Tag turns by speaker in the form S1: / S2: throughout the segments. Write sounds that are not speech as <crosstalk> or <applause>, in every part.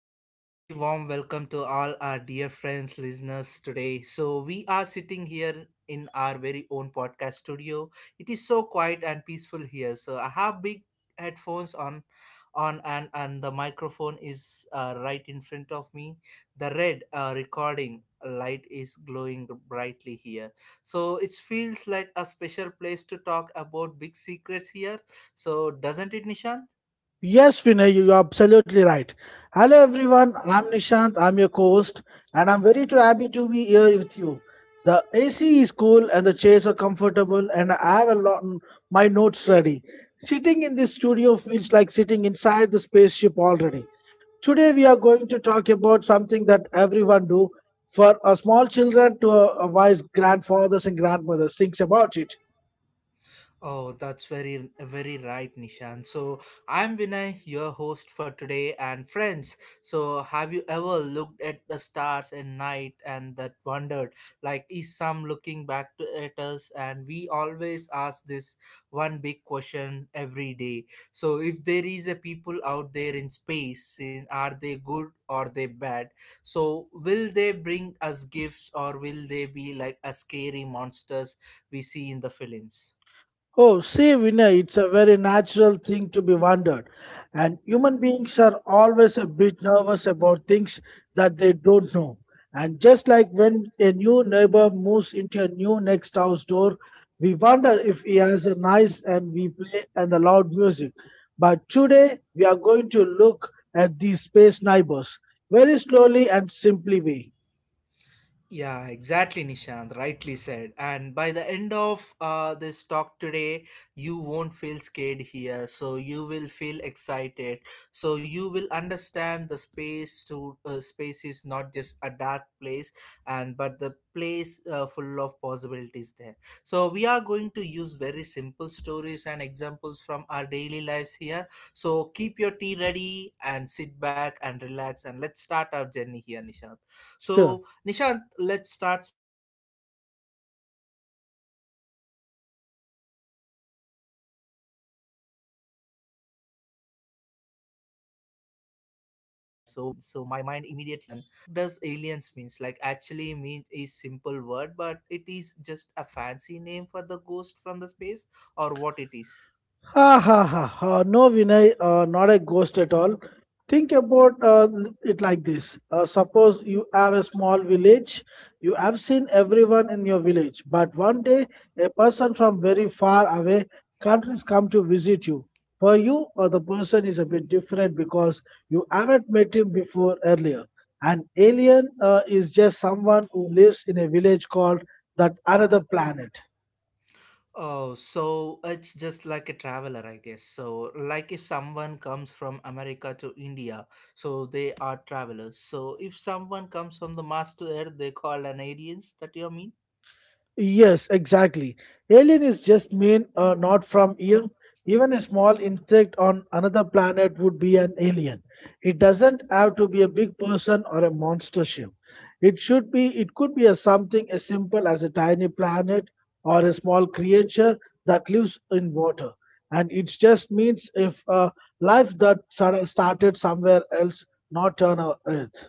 S1: namaste, and very warm welcome to all our dear friends, listeners today. So, we are sitting here in our very own podcast studio. It is so quiet and peaceful here. So, I have big headphones on, and the microphone is right in front of me. The red recording light is glowing brightly here. So, it feels like a special place to talk about big secrets here. So, doesn't it, Nishan?
S2: Yes, Vinay, you are absolutely right. Hello, everyone. I'm Nishant. I'm your host, and I'm very too happy to be here with you. The AC is cool, and the chairs are comfortable, and I have a lot my notes ready. Sitting in this studio feels like sitting inside the spaceship already. Today, we are going to talk about something that everyone do, for a small children to a wise grandfathers and grandmothers thinks about it.
S1: Oh, that's very, very right, Nishan. So, I'm Vinay, your host for today, and friends. So, have you ever looked at the stars at night and that wondered, like, is some looking back to, at us? And we always ask this one big question every day. So, if there is a people out there in space, are they good or they bad? So, will they bring us gifts or will they be like a scary monsters we see in the films?
S2: Oh, see, Vinay, it's a very natural thing to be wondered. And human beings are always a bit nervous about things that they don't know. And just like when a new neighbor moves into a new next house door, we wonder if he has a nice and we play and the loud music. But today we are going to look at these space neighbors very slowly and simply way.
S1: Yeah, exactly, Nishant. Rightly said. And by the end of this talk today, you won't feel scared here. So you will feel excited. So you will understand the space to space is not just a dark place, and but the place full of possibilities there. So we are going to use very simple stories and examples from our daily lives here. So keep your tea ready and sit back and relax, and let's start our journey here, Nishant.
S2: Sure.
S1: So Nishant, let's start with the basics here. So, when I say it's a word alien, so my mind immediately thinks it's a green man with four eyes or a laser gun. So, but what does aliens means? Like, actually means a simple word, but it is just a fancy name for the ghost from the space or what it is?
S2: Ha ha ha ha. No, Vinay, not a ghost at all. Think about it like this. Suppose you have a small village. You have seen everyone in your village, but one day a person from very far away countries come to visit you. For you, the person is a bit different because you haven't met him before earlier. An alien is just someone who lives in a village called that another planet.
S1: Oh, so it's just like a traveler, I guess. So, like if someone comes from America to India, so they are travelers. So, if someone comes from the Mars to Earth, they call an aliens. That you mean?
S2: Yes, exactly. Alien is just mean not from here. Even a small insect on another planet would be an alien. It doesn't have to be a big person or a monster ship. It should be. It could be a something as simple as a tiny planet or a small creature that lives in water. And it just means if life that sort started somewhere else, not on our Earth.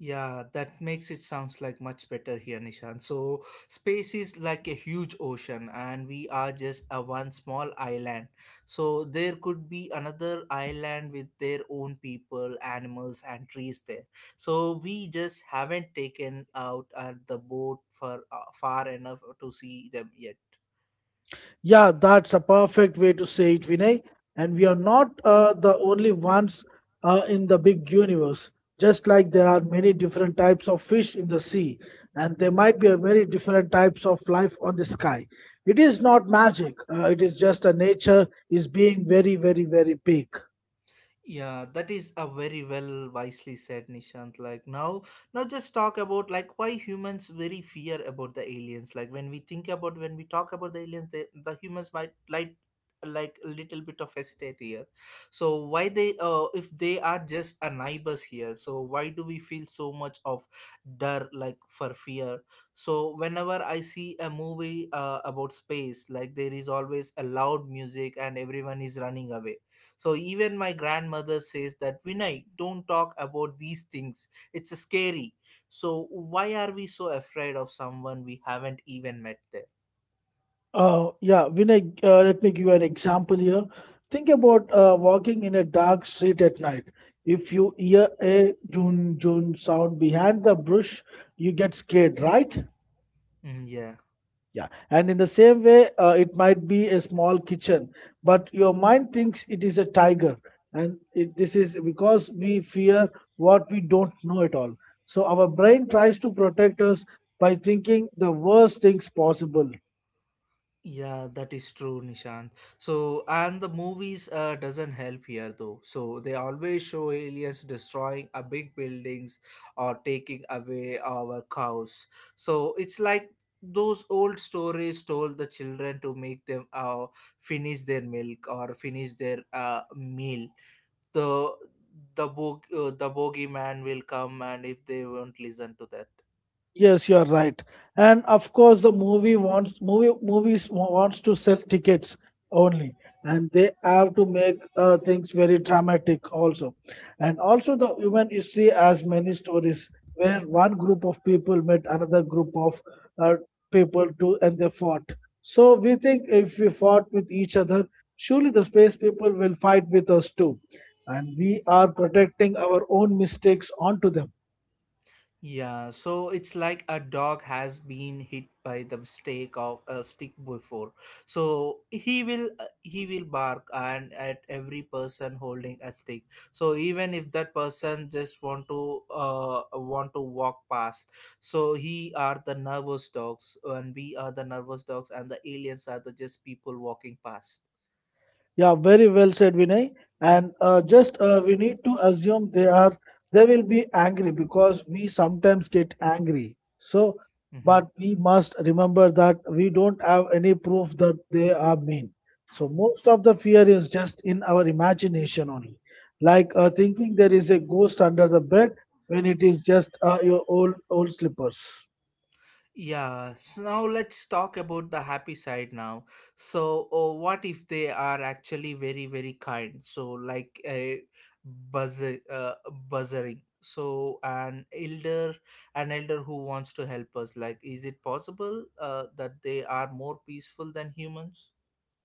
S1: Yeah, that makes it sounds like much better here, Nishan. So space is like a huge ocean and we are just a one small island. So there could be another island with their own people, animals and trees there. So we just haven't taken out the boat for far enough to see them yet.
S2: Yeah, that's a perfect way to say it, Vinay. And we are not the only ones in the big universe. Just like there are many different types of fish in the sea, and there might be a many different types of life on the sky. It is not magic. It is just a nature is being very, very, very big.
S1: Yeah, that is a very well wisely said, Nishant. Like now, now just talk about like why humans very fear about the aliens. Like when we think about when we talk about the aliens, they, the humans might like a little bit of hesitate here. So why they if they are just a neighbors here, so why do we feel so much of dar like for fear? So whenever I see a movie about space, like there is always a loud music and everyone is running away so even my grandmother says that Vinay, don't talk about these things. It's scary. So why are we so afraid of someone we haven't even met there?
S2: Yeah, Vinay, let me give you an example here. Think about walking in a dark street at night. If you hear a June June sound behind the bush, you get scared, right?
S1: Mm, yeah.
S2: Yeah. And in the same way, it might be a small kitchen, but your mind thinks it is a tiger. And this is because we fear what we don't know at all. So our brain tries to protect us by thinking the worst things possible.
S1: Yeah, that is true, Nishant. So, and the movies doesn't help here though. So they always show aliens destroying a big buildings or taking away our cows. So it's like those old stories told the children to make them finish their milk or finish their meal. The the bogeyman will come, and if they won't listen to that.
S2: Yes, you are right. And of course, the movies wants to sell tickets only, and they have to make things very dramatic also. And also, the human history has many stories where one group of people met another group of uh, people too, and they fought. So we think if we fought with each other, surely the space people will fight with us too, and we are protecting our own mistakes onto them.
S1: Yeah, so it's like a dog has been hit by the stick of a stick before. So he will bark and at every person holding a stick. So even if that person just want to walk past, so he are the nervous dogs and we are the nervous dogs and the aliens are the just people walking past.
S2: Yeah, very well said, Vinay. And just we need to assume they will be angry because we sometimes get angry. So,
S1: Mm-hmm.
S2: but we must remember that we don't have any proof that they are mean. So most of the fear is just in our imagination only, like thinking there is a ghost under the bed when it is just your old slippers.
S1: Yeah, so now let's talk about the happy side now. So, oh, what if they are actually very, very kind? So, like a buzzer, uh, buzzering. So, an elder who wants to help us. Like, is it possible that they are more peaceful than humans?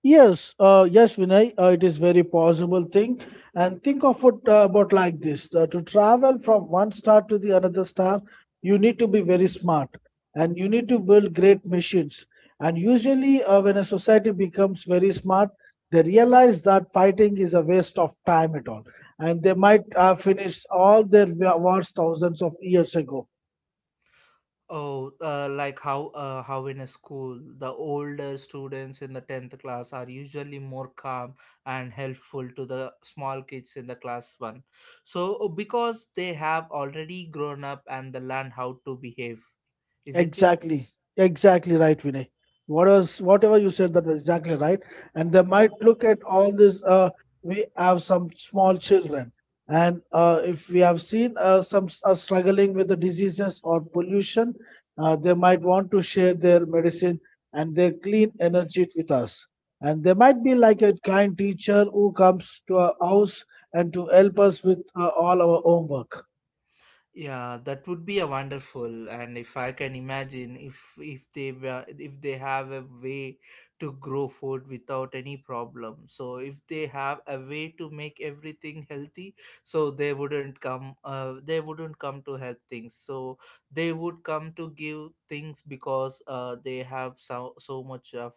S2: Yes, Vinay, it is very possible thing. And think of it about like this: to travel from one star to the another star, you need to be very smart, and you need to build great machines. And usually, when a society becomes very smart, they realize that fighting is a waste of time at all, and they might have finished all their wars thousands of years ago.
S1: Oh, like how in a school, the older students in the 10th class are usually more calm and helpful to the small kids in the class 1. So, because they have already grown up and they learn how to behave, isn't it?
S2: Exactly, exactly right, Vinay. Whatever you said that was exactly right. And they might look at all this. We have some small children, and if we have seen some are struggling with the diseases or pollution, they might want to share their medicine and their clean energy with us. And they might be like a kind teacher who comes to our house and to help us with all our homework.
S1: Yeah, that would be a wonderful, and if I can imagine, if they have a way to grow food without any problem, so if they have a way to make everything healthy, so they wouldn't come to help things. So they would come to give things because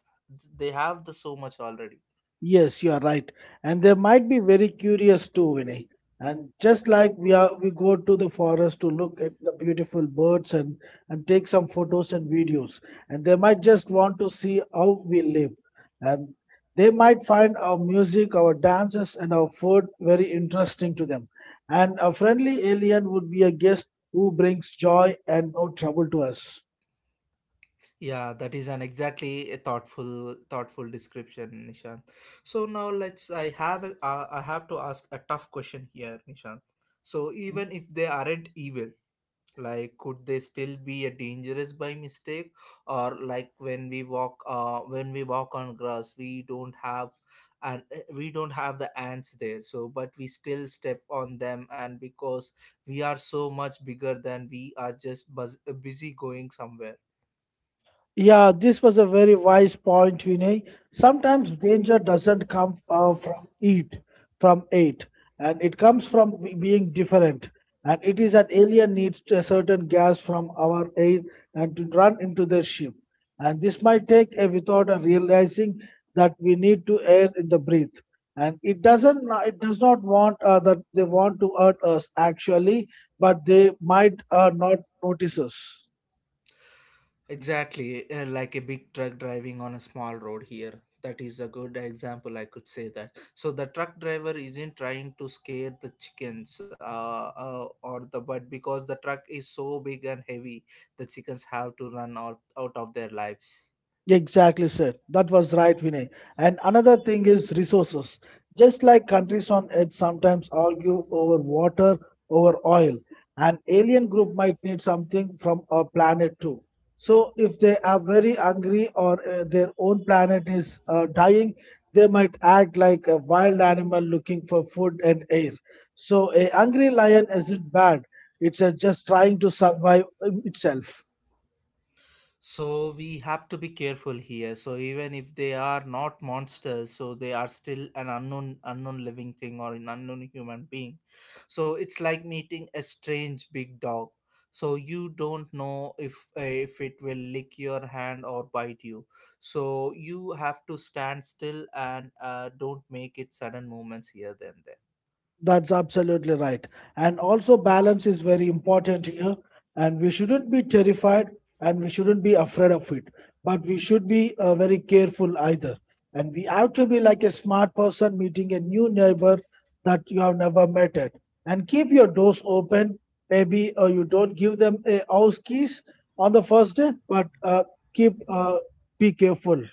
S1: they have the so much already.
S2: Yes, you are right. And they might be very curious too, Vinay. And just like we go to the forest to look at the beautiful birds and take some photos and videos. And they might just want to see how we live. And they might find our music, our dances, and our food very interesting to them. And a friendly alien would be a guest who brings joy and no trouble to us.
S1: Yeah, that is an exactly a thoughtful description, Nishan. So now let's I have a, I have to ask a tough question here, Nishan. So even if they aren't evil, like could they still be a dangerous by mistake or like when we walk on grass, we don't have and the ants there so but we still step on them and because we are so much bigger than we are just busy going somewhere.
S2: Yeah, this was a very wise point, Vinay. Sometimes danger doesn't come from it, and it comes from being different. And it is that alien needs to a certain gas from our air and to run into their ship. And this might take a without a realizing that we need to air in the breath. And it does not want that they want to hurt us actually, but they might not notice us.
S1: Exactly, like a big truck driving on a small road here. That is a good example, I could say that. So the truck driver isn't trying to scare the chickens or the but because the truck is so big and heavy, the chickens have to run out of their lives.
S2: Exactly, sir. That was right, Vinay. And another thing is resources. Just like countries on edge sometimes argue over water, over oil, an alien group might need something from our planet too. So, if they are very hungry or their own planet is dying, they might act like a wild animal looking for food and air. So, a hungry lion isn't bad, it's just trying to survive itself.
S1: So we have to be careful here. So even if they are not monsters, so they are still an unknown living thing or an unknown human being. So it's like meeting a strange big dog. So you don't know if it will lick your hand or bite you. So you have to stand still and don't make it sudden movements here then there.
S2: That's absolutely right. And also, balance is very important here. And we shouldn't be terrified and we shouldn't be afraid of it. But we should be very careful either. And we have to be like a smart person meeting a new neighbor that you have never met at. And keep your doors open. Maybe you don't give them a house keys on the first day, but keep be careful.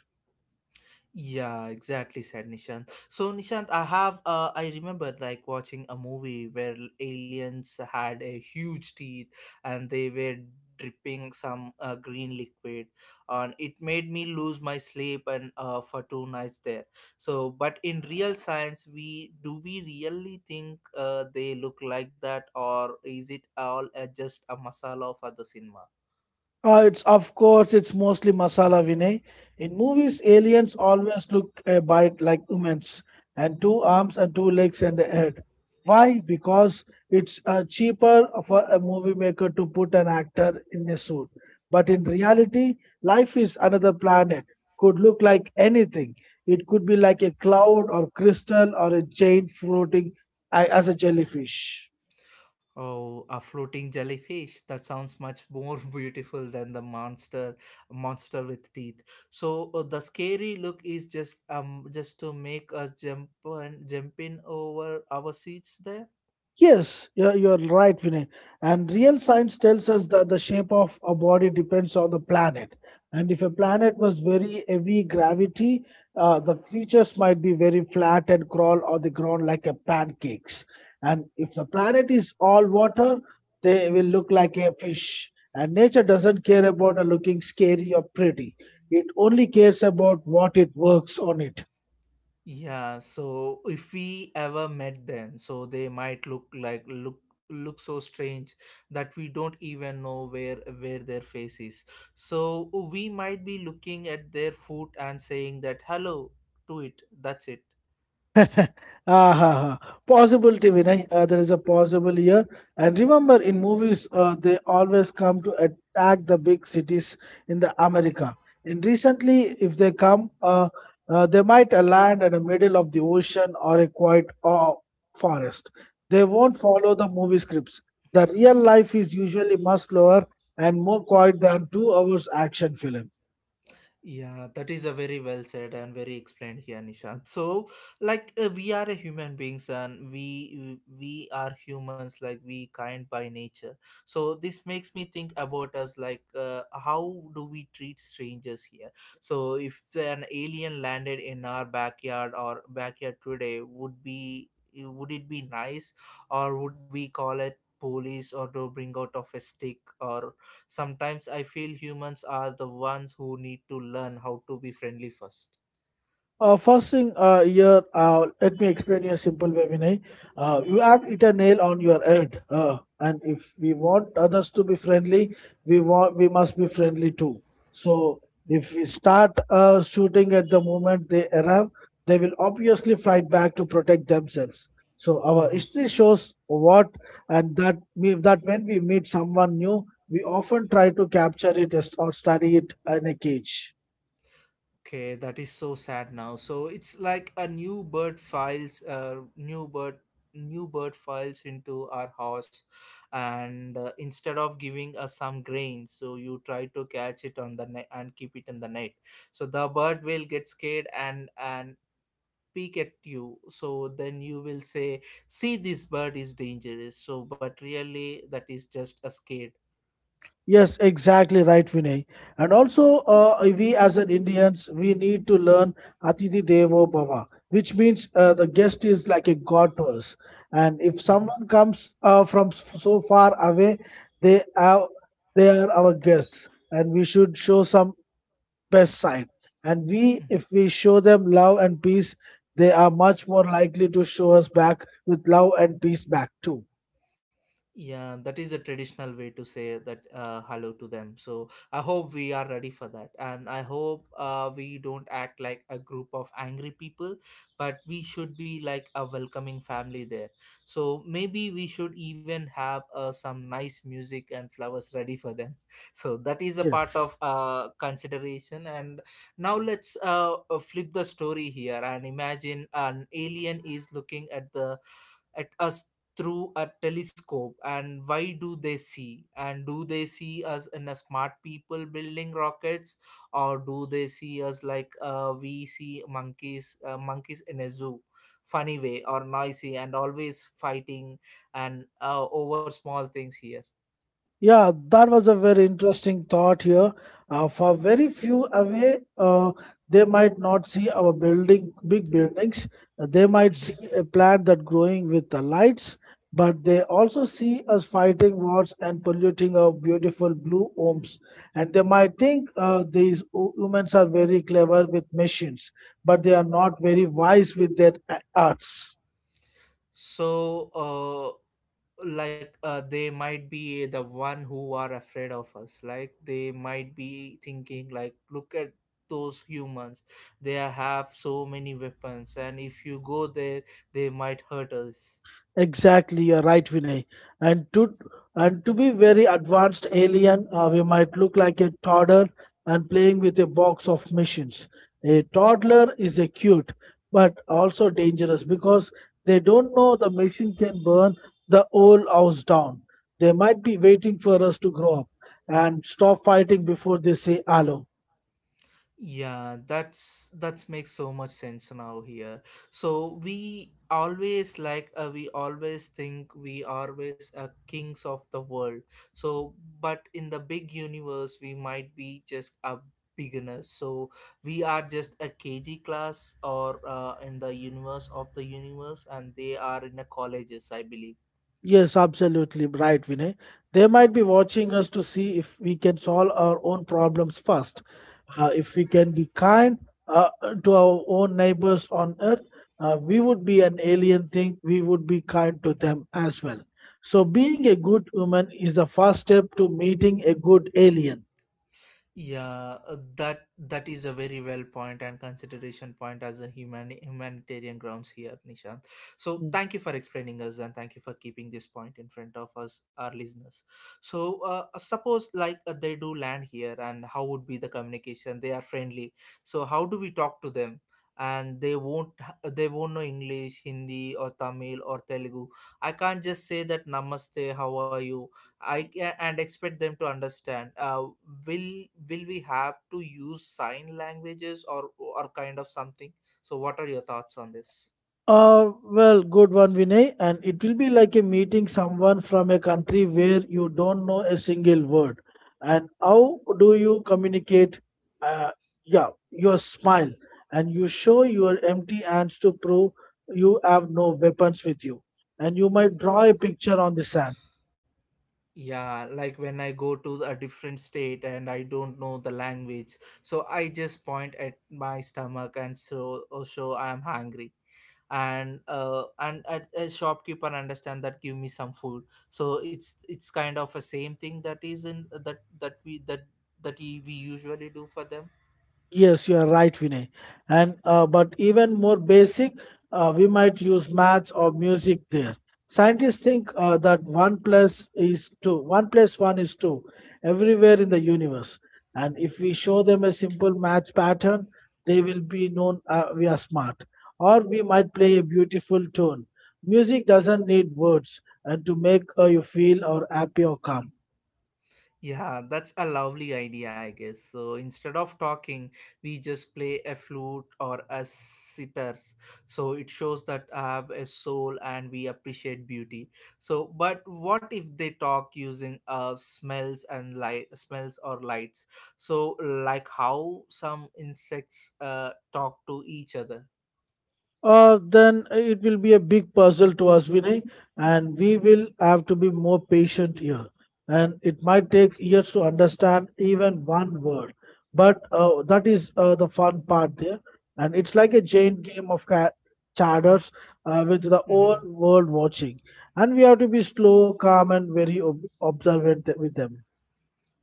S1: Yeah, exactly, said Nishant. So, Nishant, I remember like watching a movie where aliens had a huge teeth and they were dripping some green liquid, and it made me lose my sleep and for two nights there. So, but in real science, we really think they look like that, or is it all just a masala for the cinema?
S2: It's of course it's mostly masala Vinay. In movies, aliens always look a bite like humans, and two arms and two legs and a head. Why? Because it's cheaper for a movie maker to put an actor in a suit. But in reality, life is another planet. Could look like anything. It could be like a cloud or crystal or a chain floating as a jellyfish.
S1: Oh, a floating jellyfish. That sounds much more <laughs> beautiful than the monster with teeth. So the scary look is just to make us jump and jump in over our seats there.
S2: Yes, you're right, Vinay. And real science tells us that the shape of a body depends on the planet. And if a planet was very heavy gravity, the creatures might be very flat and crawl on the ground like a pancakes. And if the planet is all water, they will look like a fish. And nature doesn't care about a looking scary or pretty. It only cares about what it works on it.
S1: Yeah, so if we ever met them, so they might look like look look so strange that we don't even know where their face is. So we might be looking at their foot and saying that hello to it. That's it.
S2: <laughs> Ah, ha, ha. Possibility, Vinay. There is a possible here. And remember, in movies, they always come to attack the big cities in the America. And recently, if they come, they might land in the middle of the ocean or a quiet forest. They won't follow the movie scripts. The real life is usually much slower and more quiet than 2 hours action film.
S1: Yeah, that is a very well said and very explained here, Nishant. So, like we are a human beings and we are humans, like we kind by nature. So this makes me think about us, like how do we treat strangers here? So if an alien landed in our backyard today, would it be nice, or would we call it? Police or to bring out of a stick or sometimes I feel humans are the ones who need to learn how to be friendly first.
S2: First thing, here, let me explain you a simple way, Vinay. You have hit a nail on your head, and if we want others to be friendly, we must be friendly too. So if we start shooting at the moment they arrive, they will obviously fight back to protect themselves. So our history shows what, and that that when we meet someone new, we often try to capture it or study it in a cage.
S1: Okay, that is so sad now. So it's like a new bird files into our house, and instead of giving us some grain, so you try to catch it on the net and keep it in the net. So the bird will get scared and peek at you. So then you will say, "See, this bird is dangerous." So, but really, that is just a scare.
S2: Yes, exactly right, Vinay. And also, we as an Indians, we need to learn "Atithi Devo Bhava, which means the guest is like a god to us. And if
S1: Mm-hmm.
S2: someone comes from so far away, they are they are our guests, and we should show some best side. And if
S1: Hmm.
S2: we show them love and peace, they are much more likely to show us back with love and peace back too.
S1: Yeah, that is a traditional way to say that hello to them. So I hope we are ready for that, and I hope we don't act like a group of angry people, but we should be like a welcoming family there. So maybe we should even have some nice music and flowers ready for them. <laughs> So that is a part
S2: Yes.
S1: of consideration. And now let's flip the story here and imagine an alien is looking at the at us through a telescope, and why do they see, and do they see us in a smart people building rockets, or do they see us like we see monkeys, monkeys in a zoo, funny way, or noisy and always fighting and over small things here.
S2: Yeah, that was a very interesting thought here. For very few away, they might not see our big buildings. They might
S1: Hmm.
S2: see a plant that growing with the lights, but they also see us fighting wars and polluting our beautiful blue homes. And they might think these humans are very clever with machines, but they are not very wise with their arts.
S1: So uh, like they might be the one who are afraid of us, like they might be thinking like, look at those humans, they have so many weapons, and if you go there they might hurt us.
S2: Exactly, you're right, Vinay. And to and to be very advanced alien, we might look like a toddler and playing with a box of machines. A toddler is a cute, but also dangerous because they don't know the machine can burn the whole house down. They might be waiting for us to grow up and stop fighting before they say hello.
S1: Yeah, that's makes so much sense now here. So we always like we always think we are always kings of the world. So but in the big universe we might be just a beginner. So we are just a KG class, or in the universe of the universe, and they are in the colleges I believe.
S2: Yes, absolutely right, Vinay. They might be watching us to see if we can solve our own problems first. If we can be kind uh, to our own neighbors on earth, we would be an alien thing. We would be kind to them as well. So, being a good human is the first step to meeting a good alien.
S1: Yeah, that is a very well point and consideration point as a human humanitarian grounds here, Nishant. So
S2: Mm.
S1: thank you for explaining us and thank you for keeping this point in front of us, our listeners. So suppose like they do land here, and how would be the communication? They are friendly, so how do we talk to them? And they won't, they won't know English, Hindi, or Tamil or Telugu. I can't just say that Namaste, how are you, and expect them to understand. Will we have to use sign languages, or kind of something? So, what are your thoughts on this?
S2: Well, good one, Vinay. And it will be like a meeting someone from a country where you don't know a single word. And how do you communicate? Uh, yeah, your smile. And you show your empty hands to prove you have no weapons with you. And you might draw a picture on the sand.
S1: Yeah, like when I go to a different state and I don't know the language, so I just point at my stomach and so, oh, show I am hungry. And a shopkeeper understand that give me some food. So it's kind of a same thing that is in that we that we usually do for them.
S2: Yes, you are right, Vinay. And but even more basic, we might use maths or music there. Scientists think that one plus one is two, everywhere in the universe. And if we show them a simple math pattern, they will be known we are smart. Or we might play a beautiful tune. Music doesn't need words, and to make you feel or happy or calm.
S1: Yeah, that's a lovely idea, I guess. So instead of talking, we just play a
S2: Yes.
S1: flute or a sitar. So it shows that I have a soul and we appreciate beauty. So, but what if they talk using smells and light, smells or lights? So, like how some insects talk to each other.
S2: Then it will be a big puzzle to us, Vinay, and we will have to be more patient here. And it might take years to understand even one word, but that is the fun part there. And it's like a giant game of charters with the whole
S1: Mm-hmm.
S2: world watching. And we have to be slow, calm, and very observant with them.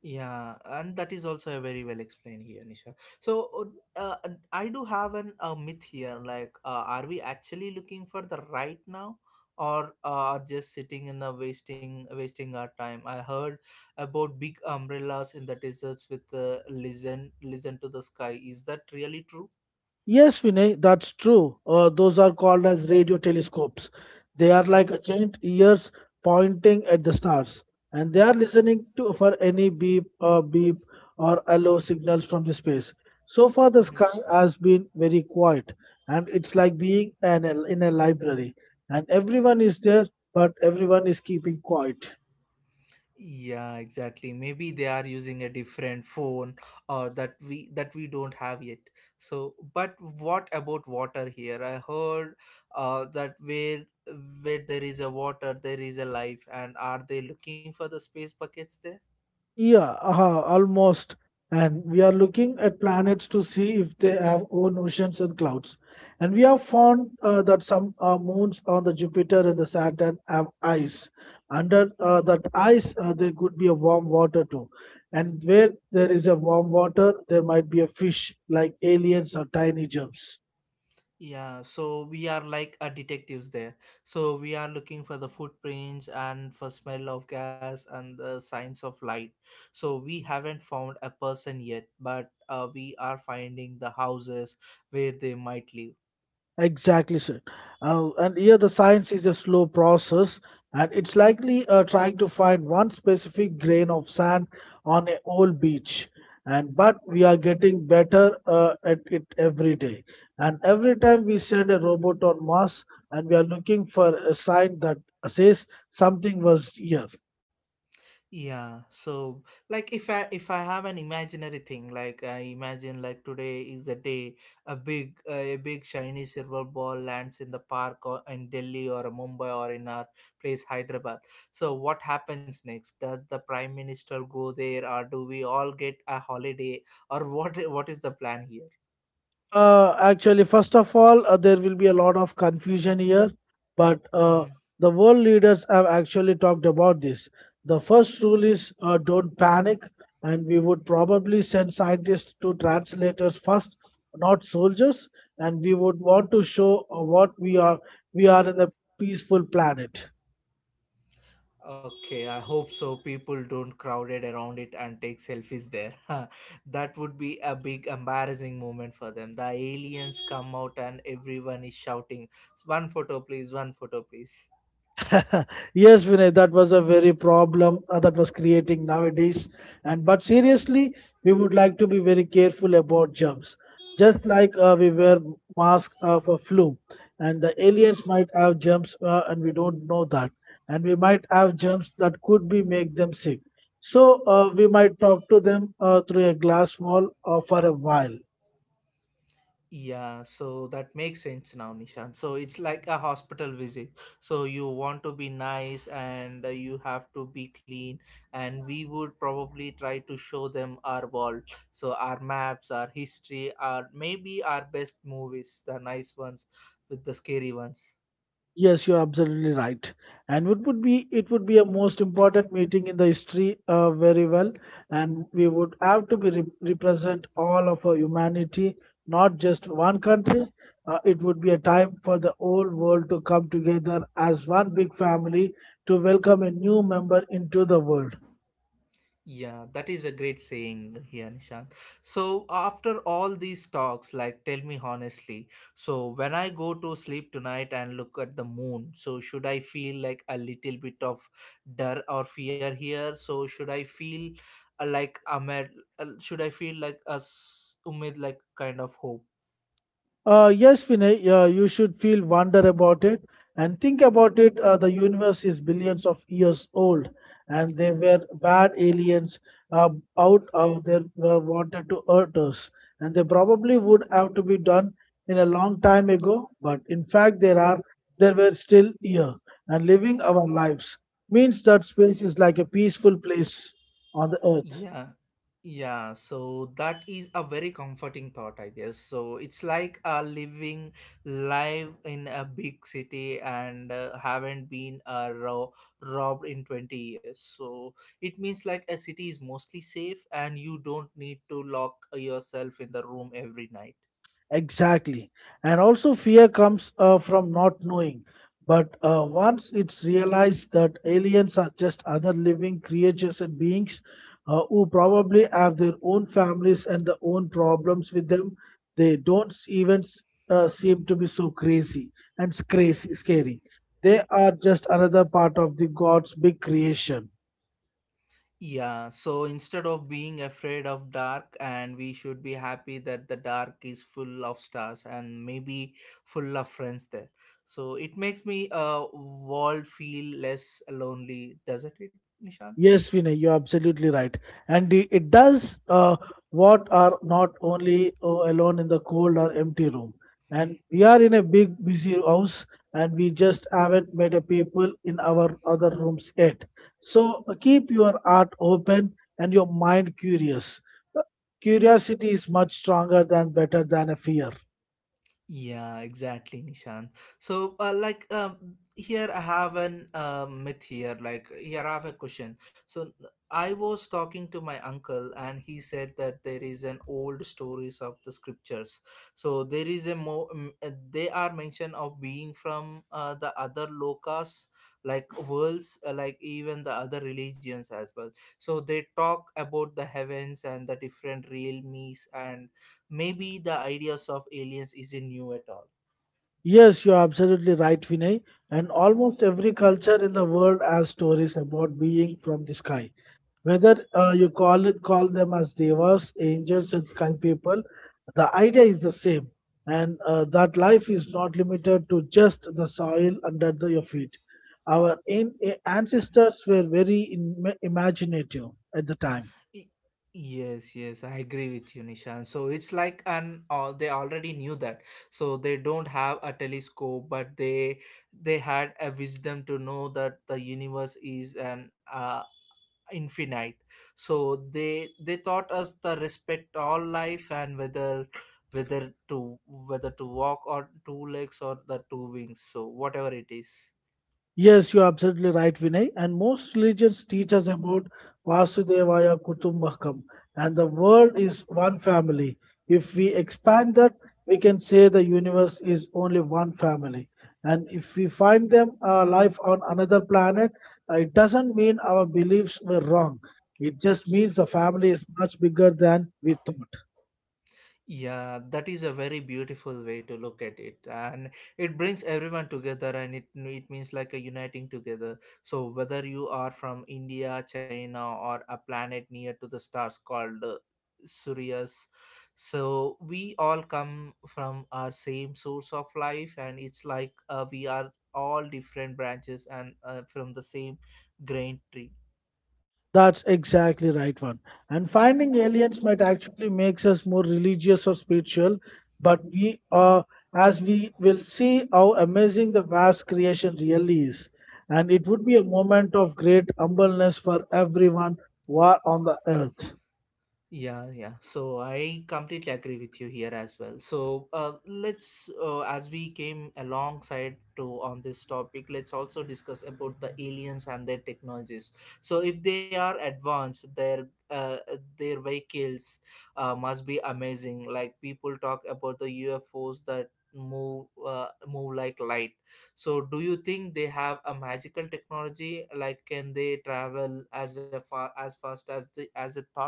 S1: Yeah, and that is also a very well explained here, Nisha. So, I do have an a myth here. Like, are we actually looking for the right now, or are just sitting in the wasting our time? I heard about big umbrellas in the deserts with listen to the sky. Is that really true?
S2: Yes, Vinay, that's true. Those are called as radio telescopes. They are like a
S1: Mm-hmm.
S2: giant ears pointing at the stars, and they are listening to for any beep, beep, or hello signals from the space. So far, the sky
S1: Mm-hmm.
S2: has been very quiet, and it's like being in a library, and everyone is there, but everyone is keeping quiet.
S1: Yeah, exactly. Maybe they are using a different phone, or that we don't have yet. So, but what about water here? I heard that where there is a water, there is a life. And are they looking for the space buckets there?
S2: Yeah, aha, almost. And we are looking at planets to see if they have own oceans and clouds. And we have found that some moons on the Jupiter and the Saturn have ice. Under that ice, there could be a warm water too. And where there is a warm water, there might be a fish like aliens or tiny germs.
S1: Yeah, so we are like a detectives there. So we are looking for the footprints and for smell of gas and the signs of light. So we haven't found a person yet, but we are finding the houses where they might live.
S2: Exactly, sir. And here the science is a slow process, and it's likely trying to find one specific grain of sand on a whole beach. And but we are getting better at it every day. And every time we send a robot on Mars, and we are looking for a sign that says something was here.
S1: Yeah, so like if I have an imaginary thing, like I imagine like today is the day a big shiny silver ball lands in the park, or in Delhi or Mumbai, or in our place Hyderabad. So what happens next? Does the prime minister go there, or do we all get a holiday, or <laughs> what is the plan here?
S2: Actually, first of all, there will be a lot of confusion here, but
S1: Hmm.
S2: the world leaders have actually talked about this. The first rule is don't panic, and we would probably send scientists to translators first, not soldiers, and we would want to show what we are. We are in a peaceful planet.
S1: Okay, I hope so. People don't crowded around it and take selfies there. <laughs> That would be a big embarrassing moment for them. The aliens come out and everyone is shouting, "One photo, please! One photo, please!"
S2: <laughs> Yes, Vinay, that was a very problem that was creating nowadays. And but seriously, we would like to be very careful about germs. Just like we wear mask for flu, and the aliens might have germs, and we don't know that, and we might have germs that could be make them sick. So we might talk to them through a glass wall for a while.
S1: Yeah, so that makes sense now, Nishan. So it's like a hospital visit. So you want to be nice and you have to be clean. And we would probably try to show them our world. So our maps, our history, our maybe our best movies, the nice ones with the scary ones.
S2: Yes, you're absolutely right. And it would be a most important meeting in the history very well. And we would have to be represent all of our humanity, not just one country. It would be a time for the whole world to come together as one big family to welcome a new member into the world.
S1: Yeah, that is a great saying here, Nishant. So, after all these talks, like, tell me honestly. So, when I go to sleep tonight and look at the moon, so should I feel like a little bit of dar or fear here? So, should I feel like a should I feel like a umid, like kind of hope?
S2: Yes, Vinay, you should feel wonder about it and think about it. The universe is billions of years old, and they were bad aliens uh, out of their wanted to hurt us, and they probably would have to be done in a long time ago. But in fact, there were still here and living our lives means that space is like a peaceful place on the earth.
S1: Yeah, yeah, so that is a very comforting thought, I guess. So it's like living live in a big city and haven't been robbed in 20 years. So it means like a city is mostly safe and you don't need to lock yourself in the room every night.
S2: Exactly. And also, fear comes from not knowing. But once it's realized that aliens are just other living creatures and beings who probably have their own families and their own problems with them, they don't even seem to be so crazy and crazy, scary. They are just another part of the God's big creation.
S1: Yeah, so instead of being afraid of dark, and we should be happy that the dark is full of stars and maybe full of friends there. So it makes me world feel less lonely, doesn't it, Nishant?
S2: Yes, Vinay, you're absolutely right. And it does what are not only alone in the cold or empty room. And we are in a big, busy house, and we just haven't met a people in our other rooms yet. So keep your heart open and your mind curious. Uh, Curiosity is much stronger than better than a fear.
S1: Yeah, exactly, Nishant. So, like, here I have an myth here. Like, here I have a question. So, I was talking to my uncle, and he said that there is an old stories of the scriptures. So there is a more. They are mentioned of being from the other lokas, like worlds, like even the other religions as well. So they talk about the heavens and the different realms, and maybe the ideas of aliens isn't new at all.
S2: Yes, you're absolutely right, Vinay. And almost every culture in the world has stories about being from the sky. Whether you call them as devas, angels, and sky people, the idea is the same. And that life is not limited to just the soil under the, your feet. Our ancestors were very imaginative at the time.
S1: Y- yes, yes, I agree with you, Nishan. So it's like an all, they already knew that. So they don't have a telescope, but they had a wisdom to know that the universe is an infinite. So they taught us the respect all life, and whether to whether to walk on two legs or the two wings, so whatever it is.
S2: Yes, you're absolutely right, Vinay. And most religions teach us about Vasudevaya Kutumbakam, and the world is one family. If we expand that, we can say the universe is only one family. And if we find them life on another planet, it doesn't mean our beliefs were wrong. It just means the family is much bigger than we thought.
S1: Yeah, that is a very beautiful way to look at it, and it brings everyone together, and it means like a uniting together. So whether you are from India, China, or a planet near to the stars called Sirius, so we all come from our same source of life, and it's like we are all different branches and from the same grain tree.
S2: That's exactly right one. And finding aliens might actually makes us more religious or spiritual, but we are as we will see how amazing the vast creation really is. And it would be a moment of great humbleness for everyone who are on the earth.
S1: Yeah, yeah. So I completely agree with you here as well. So let's, as we came alongside to on this topic, let's also discuss about the aliens and their technologies. So if they are advanced, their vehicles must be amazing. Like people talk about the UFOs that move like light. So do you think they have a magical technology? Like can they travel as a far as fast as the as a thought?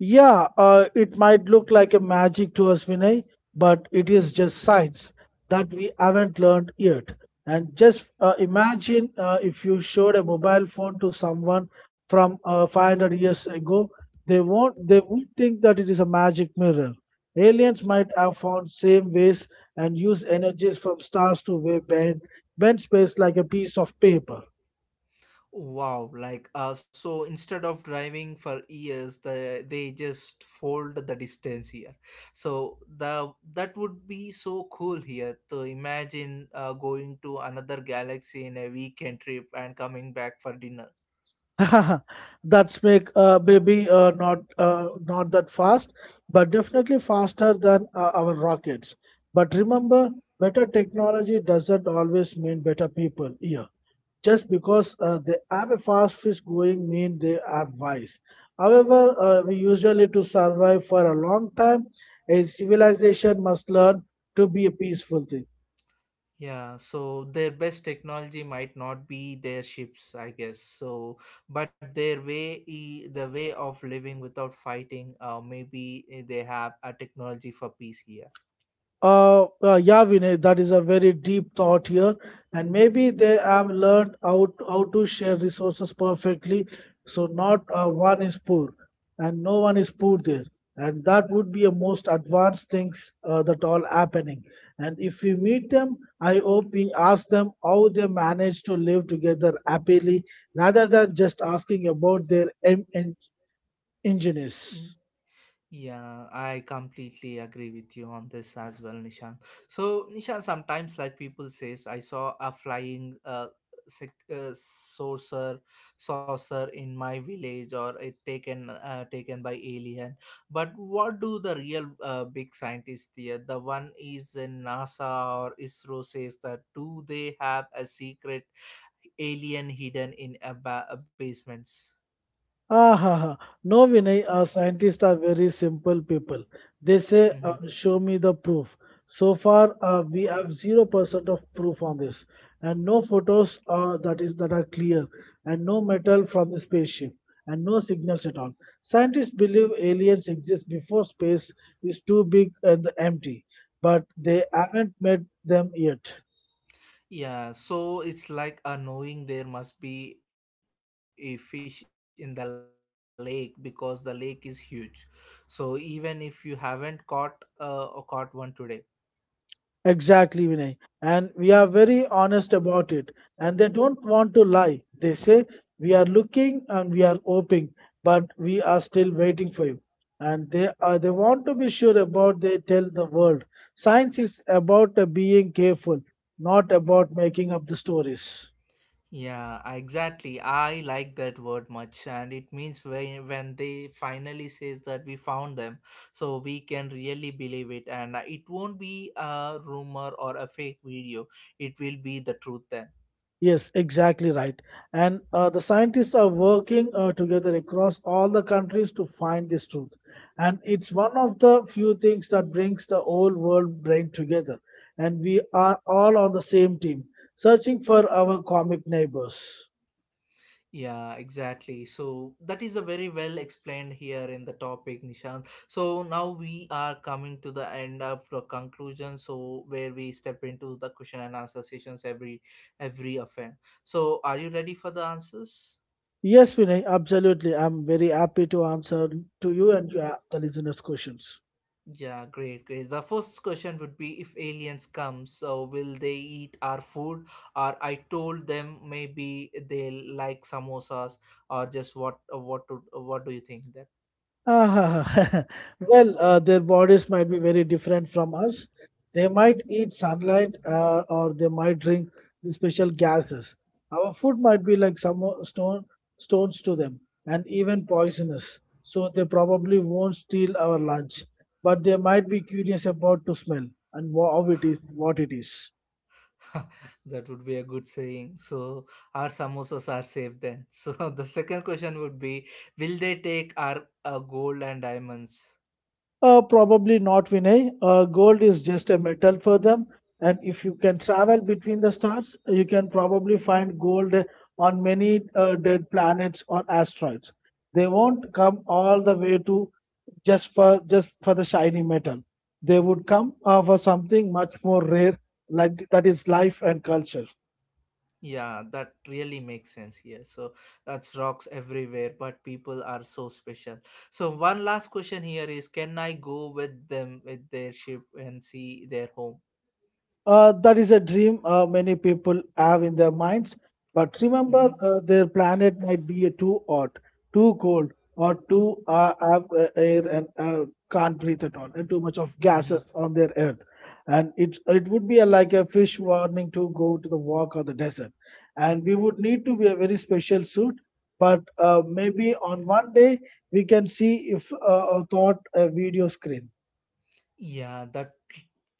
S2: Yeah, it might look like a magic to us, Vinay, but it is just science that we haven't learned yet. And just imagine if you showed a mobile phone to someone from 500 years ago, they won't, they would think that it is a magic mirror. Aliens might have found same ways and use energies from stars to way bend space like a piece of paper.
S1: Wow, like so instead of driving for years, they just fold the distance here. So the that would be so cool here to imagine going to another galaxy in a weekend trip and coming back for dinner.
S2: <laughs> That's make maybe not that fast, but definitely faster than our rockets. But remember, better technology doesn't always mean better people here. Just because they have a fast fish going mean they are wise. However, we usually to survive for a long time, a civilization must learn to be a peaceful thing.
S1: Yeah, so their best technology might not be their ships, I guess. So, but their way, the way of living without fighting, maybe they have a technology for peace here.
S2: Yeah, Vinay, that is a very deep thought here, and maybe they have learned how to share resources perfectly, so not one is poor, and no one is poor there, and that would be a most advanced things that all happening. And if we meet them, I hope we ask them how they manage to live together happily, rather than just asking about their engineers.
S1: Yeah, I completely agree with you on this as well, Nishan. So, Nishan, sometimes like people says, I saw a flying sec- uh saucer saucer in my village, or it taken by alien. But what do the real big scientists here? The one is in NASA or ISRO says that do they have a secret alien hidden in a basements?
S2: Ah, ha, ha. No, Vinay, scientists are very simple people. They say,
S1: Mhm.
S2: show me the proof. So far, we have 0% of proof on this, and no photos that are clear, and no metal from the spaceship, and no signals at all. Scientists believe aliens exist before space is too big and empty, but they haven't met them yet.
S1: Yeah, so it's like a knowing there must be a fish in the lake because the lake is huge. So even if you haven't caught or caught one today.
S2: Exactly, Vinay. And we are very honest about it. And they don't want to lie. They say, "We are looking and we are hoping, but we are still waiting for you." And they want to be sure about they tell the world. Science is about being careful, not about making up the stories.
S1: Yeah, exactly. I like that word much, and it means when they finally says that we found them, so we can really believe it and it won't be a rumor or a fake video. It will be the truth then.
S2: Yes, exactly right. And the scientists are working together across all the countries to find this truth. And it's one of the few things that brings the whole world brain together. And we are all on the same team, searching for our comic neighbors.
S1: Yeah, exactly. So that is a very well explained here in the topic, Nishant. So now we are coming to the end of the conclusion. So where we step into the question and answer sessions every offense. So are you ready for the answers?
S2: Yes, Vinay, absolutely. I'm very happy to answer to you and the listeners' questions.
S1: Yeah, great, great. The first question would be, if aliens come, so will they eat our food? Or I told them maybe they like samosas, or just what to what do you think?
S2: Ah, <laughs> well, their bodies might be very different from us. They might eat sunlight or they might drink the special gases. Our food might be like some stones to them and even poisonous. So they probably won't steal our lunch, but they might be curious about to smell and how it is, what it is.
S1: <laughs> That would be a good saying. So our samosas are safe then. <laughs> So the second question would be, will they take our gold and diamonds?
S2: Probably not, Vinay. Gold is just a metal for them. And if you can travel between the stars, you can probably find gold on many dead planets or asteroids. They won't come all the way to just for the shiny metal. They would come for something much more rare, like that is life and culture.
S1: Yeah, that really makes sense here. So that's rocks everywhere, but people are so special. So one last question here is, can I go with them with their ship and see their home?
S2: That is a dream many people have in their minds. But remember,
S1: Mm-hmm.
S2: their planet might be too hot, too cold, or too have air and can't breathe at all, and too much of
S1: Mm-hmm.
S2: gases on their Earth. And it would be a, like a fish warning to go to the walk or the desert. And we would need to be a very special suit. But maybe on one day we can see if a thought a video screen.
S1: Yeah, that,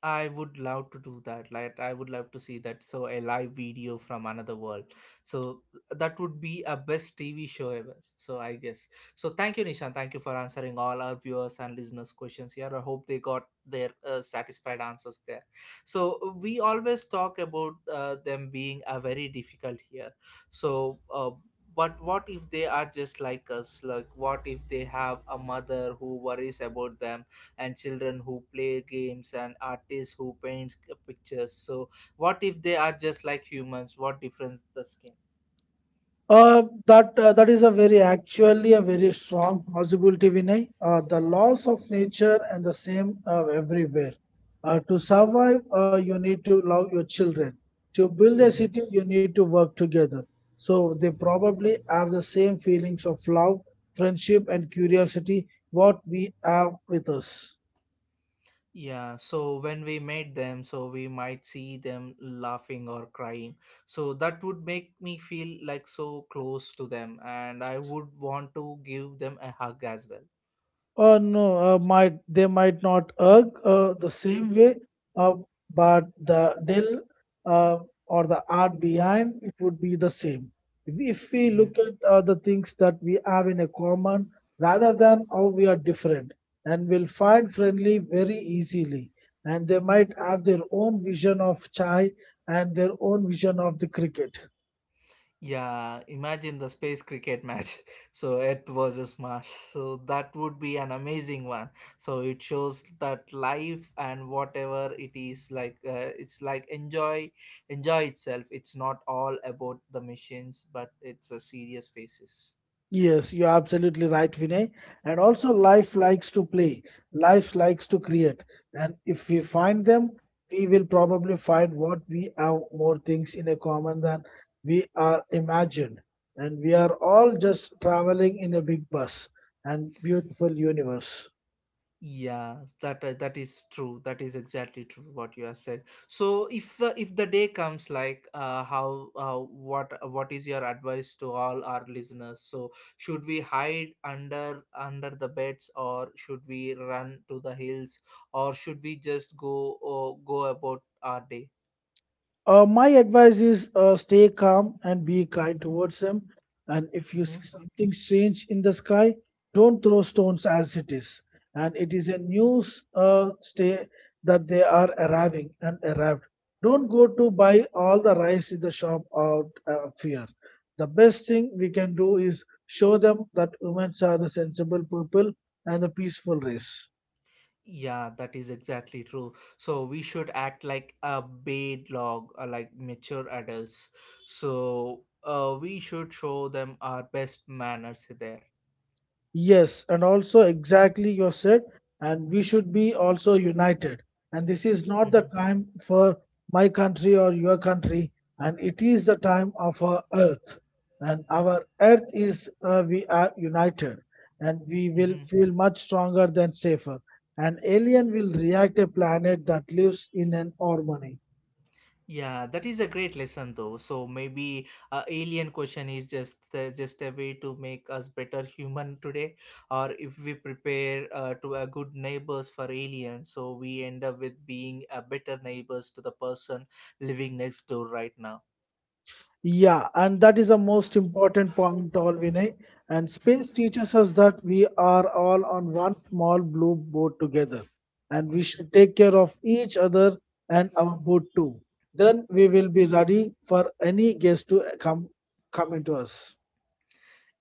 S1: I would love to do that. Like I would love to see that. So a live video from another world. So that would be a best TV show ever. So I guess. So thank you, Nishan. Thank you for answering all our viewers and listeners' questions here. I hope they got their satisfied answers there. So we always talk about them being a very difficult here. So. But what if they are just like us? Like, what if they have a mother who worries about them and children who play games and artists who paint pictures, so what if they are just like humans? What difference the skin?
S2: That is a very actually a very strong possibility, Vinay. The laws of nature and the same everywhere. To survive, you need to love your children. To build a
S1: hmm
S2: city, you need to work together. So they probably have the same feelings of love, friendship, and curiosity what we have with us.
S1: yeah, so when we meet them, so we might see them laughing or crying, so that would make me feel like so close to them, and I would want to give them a hug as well.
S2: No, might they might not erg the same way, uh, but the deal uh, or the art behind it would be the same. If we
S1: Mm-hmm.
S2: look at the things that we have in a common rather than how we are different, and will find friendly very easily, and they might have their own vision of chai and their own vision of the cricket.
S1: Yeah, imagine the space cricket match. <laughs> So Earth versus Mars. So that would be an amazing one. So it shows that life and whatever it is like, it's like enjoy, enjoy itself. It's not all about the missions, but it's a serious faces.
S2: Yes, you're absolutely right, Vinay. And also, life likes to play, life likes to create. And if we find them, we will probably find what we have more things in a common than we are imagined. And we are all just traveling in a big bus and beautiful universe.
S1: Yeah, that is true. That is exactly true what you have said. So if the day comes, like how what is your advice to all our listeners? So should we hide under the beds, or should we run to the hills, or should we just go about our day?
S2: My advice is stay calm and be kind towards them. And if you see
S1: Mm-hmm.
S2: something strange in the sky, don't throw stones as it is. And it is a news stay that they are arriving and arrived. Don't go to buy all the rice in the shop out of fear. The best thing we can do is show them that humans are the sensible people and the peaceful race.
S1: Yeah, that is exactly true. So we should act like a bait log, like mature adults. So we should show them our best manners there.
S2: Yes, and also exactly you said, and we should be also united. And this is not the
S1: hmm
S2: time for my country or your country, and it is the time of our earth. And our earth is we are united, and we will
S1: hmm
S2: feel much stronger than safer. An alien will react a planet that lives in an harmony.
S1: Yeah, that is a great lesson though. So maybe a alien question is just a way to make us better <laughs> human today, or if we prepare to a good neighbors for aliens, so we end up with being a better neighbors to the person living next door right now.
S2: Yeah, and that is the most important point, all Vinay. And space teaches us that we are all on one small blue boat together, and we should take care of each other and our boat too. Then we will be ready for any guest to come into us.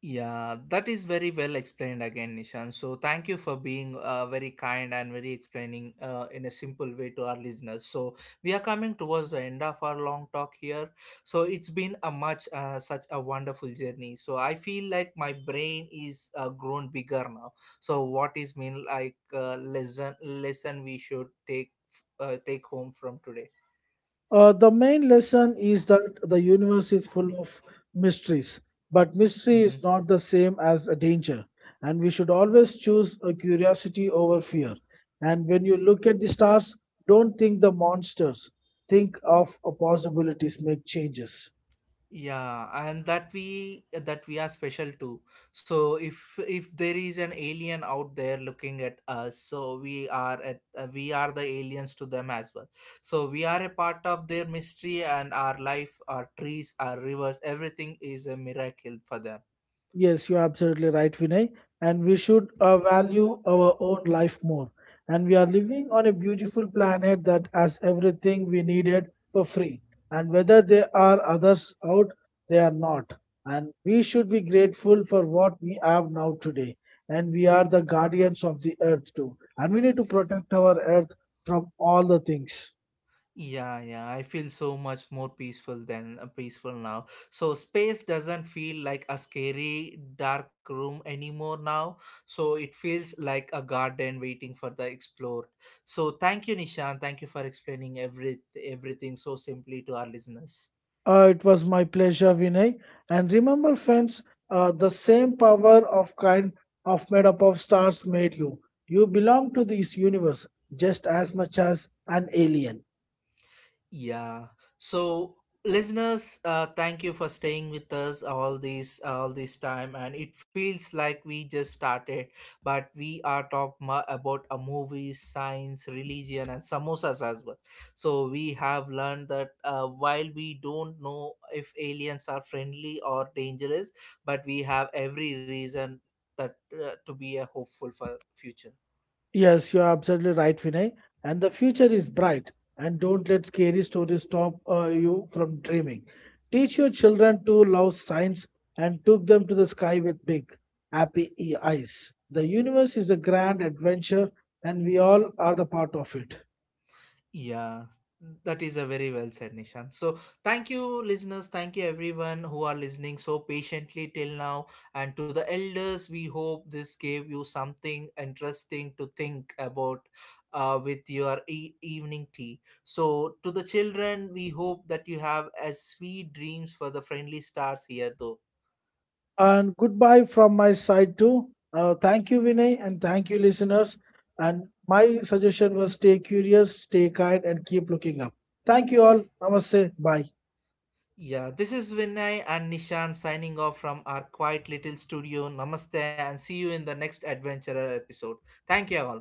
S1: Yeah, that is very well explained again, Nishan. So thank you for being very kind and very explaining in a simple way to our listeners. So we are coming towards the end of our long talk here. So it's been a much such a wonderful journey. So I feel like my brain is grown bigger now. So what is mean like lesson we should take take home from today?
S2: The main lesson is that the universe is full of mysteries, but mystery
S1: Mhm.
S2: is not the same as a danger, and we should always choose a curiosity over fear. And when you look at the stars, don't think the monsters, think of a possibilities, make changes.
S1: Yeah, and that we, that we are special too. So if there is an alien out there looking at us, so we are at we are the aliens to them as well. So we are a part of their mystery, and our life, our trees, our rivers, everything is a miracle for them.
S2: Yes, you're absolutely right, Vinay. And we should value our own life more. And we are living on a beautiful planet that has everything we needed for free. And whether there are others out, they are not. And we should be grateful for what we have now today. And we are the guardians of the earth too. And we need to protect our earth from all the things.
S1: Yeah, yeah, I feel so much more peaceful than peaceful now. So space doesn't feel like a scary dark room anymore now. So it feels like a garden waiting for the explored. So thank you, Nishan. Thank you for explaining everything so simply to our listeners.
S2: It was my pleasure, Vinay. And remember, friends, the same power of kind of made up of stars made you. You belong to this universe just as much as an alien.
S1: Yeah. So listeners, thank you for staying with us all this time. And it feels like we just started, but we are about a movie, science, religion, and samosas as well. So we have learned that while we don't know if aliens are friendly or dangerous, but we have every reason that to be a hopeful for future.
S2: Yes, you're absolutely right, Vinay. And the future is bright. And don't let scary stories stop you from dreaming. Teach your children to love science and took them to the sky with big, happy eyes. The universe is a grand adventure, and we all are the part of it.
S1: Yeah, that is a very well said, Nishan. So, thank you, listeners. Thank you, everyone who are listening so patiently till now. And to the elders, we hope this gave you something interesting to think about with your evening tea. So, to the children, we hope that you have as sweet dreams for the friendly stars here, though.
S2: And goodbye from my side too. Thank you, Vinay, and thank you, listeners. And my suggestion was stay curious, stay kind, and keep looking up. Thank you all. Namaste. Bye.
S1: Yeah, this is Vinay and Nishan signing off from our quiet little studio. Namaste and see you in the next adventurer episode. Thank you all.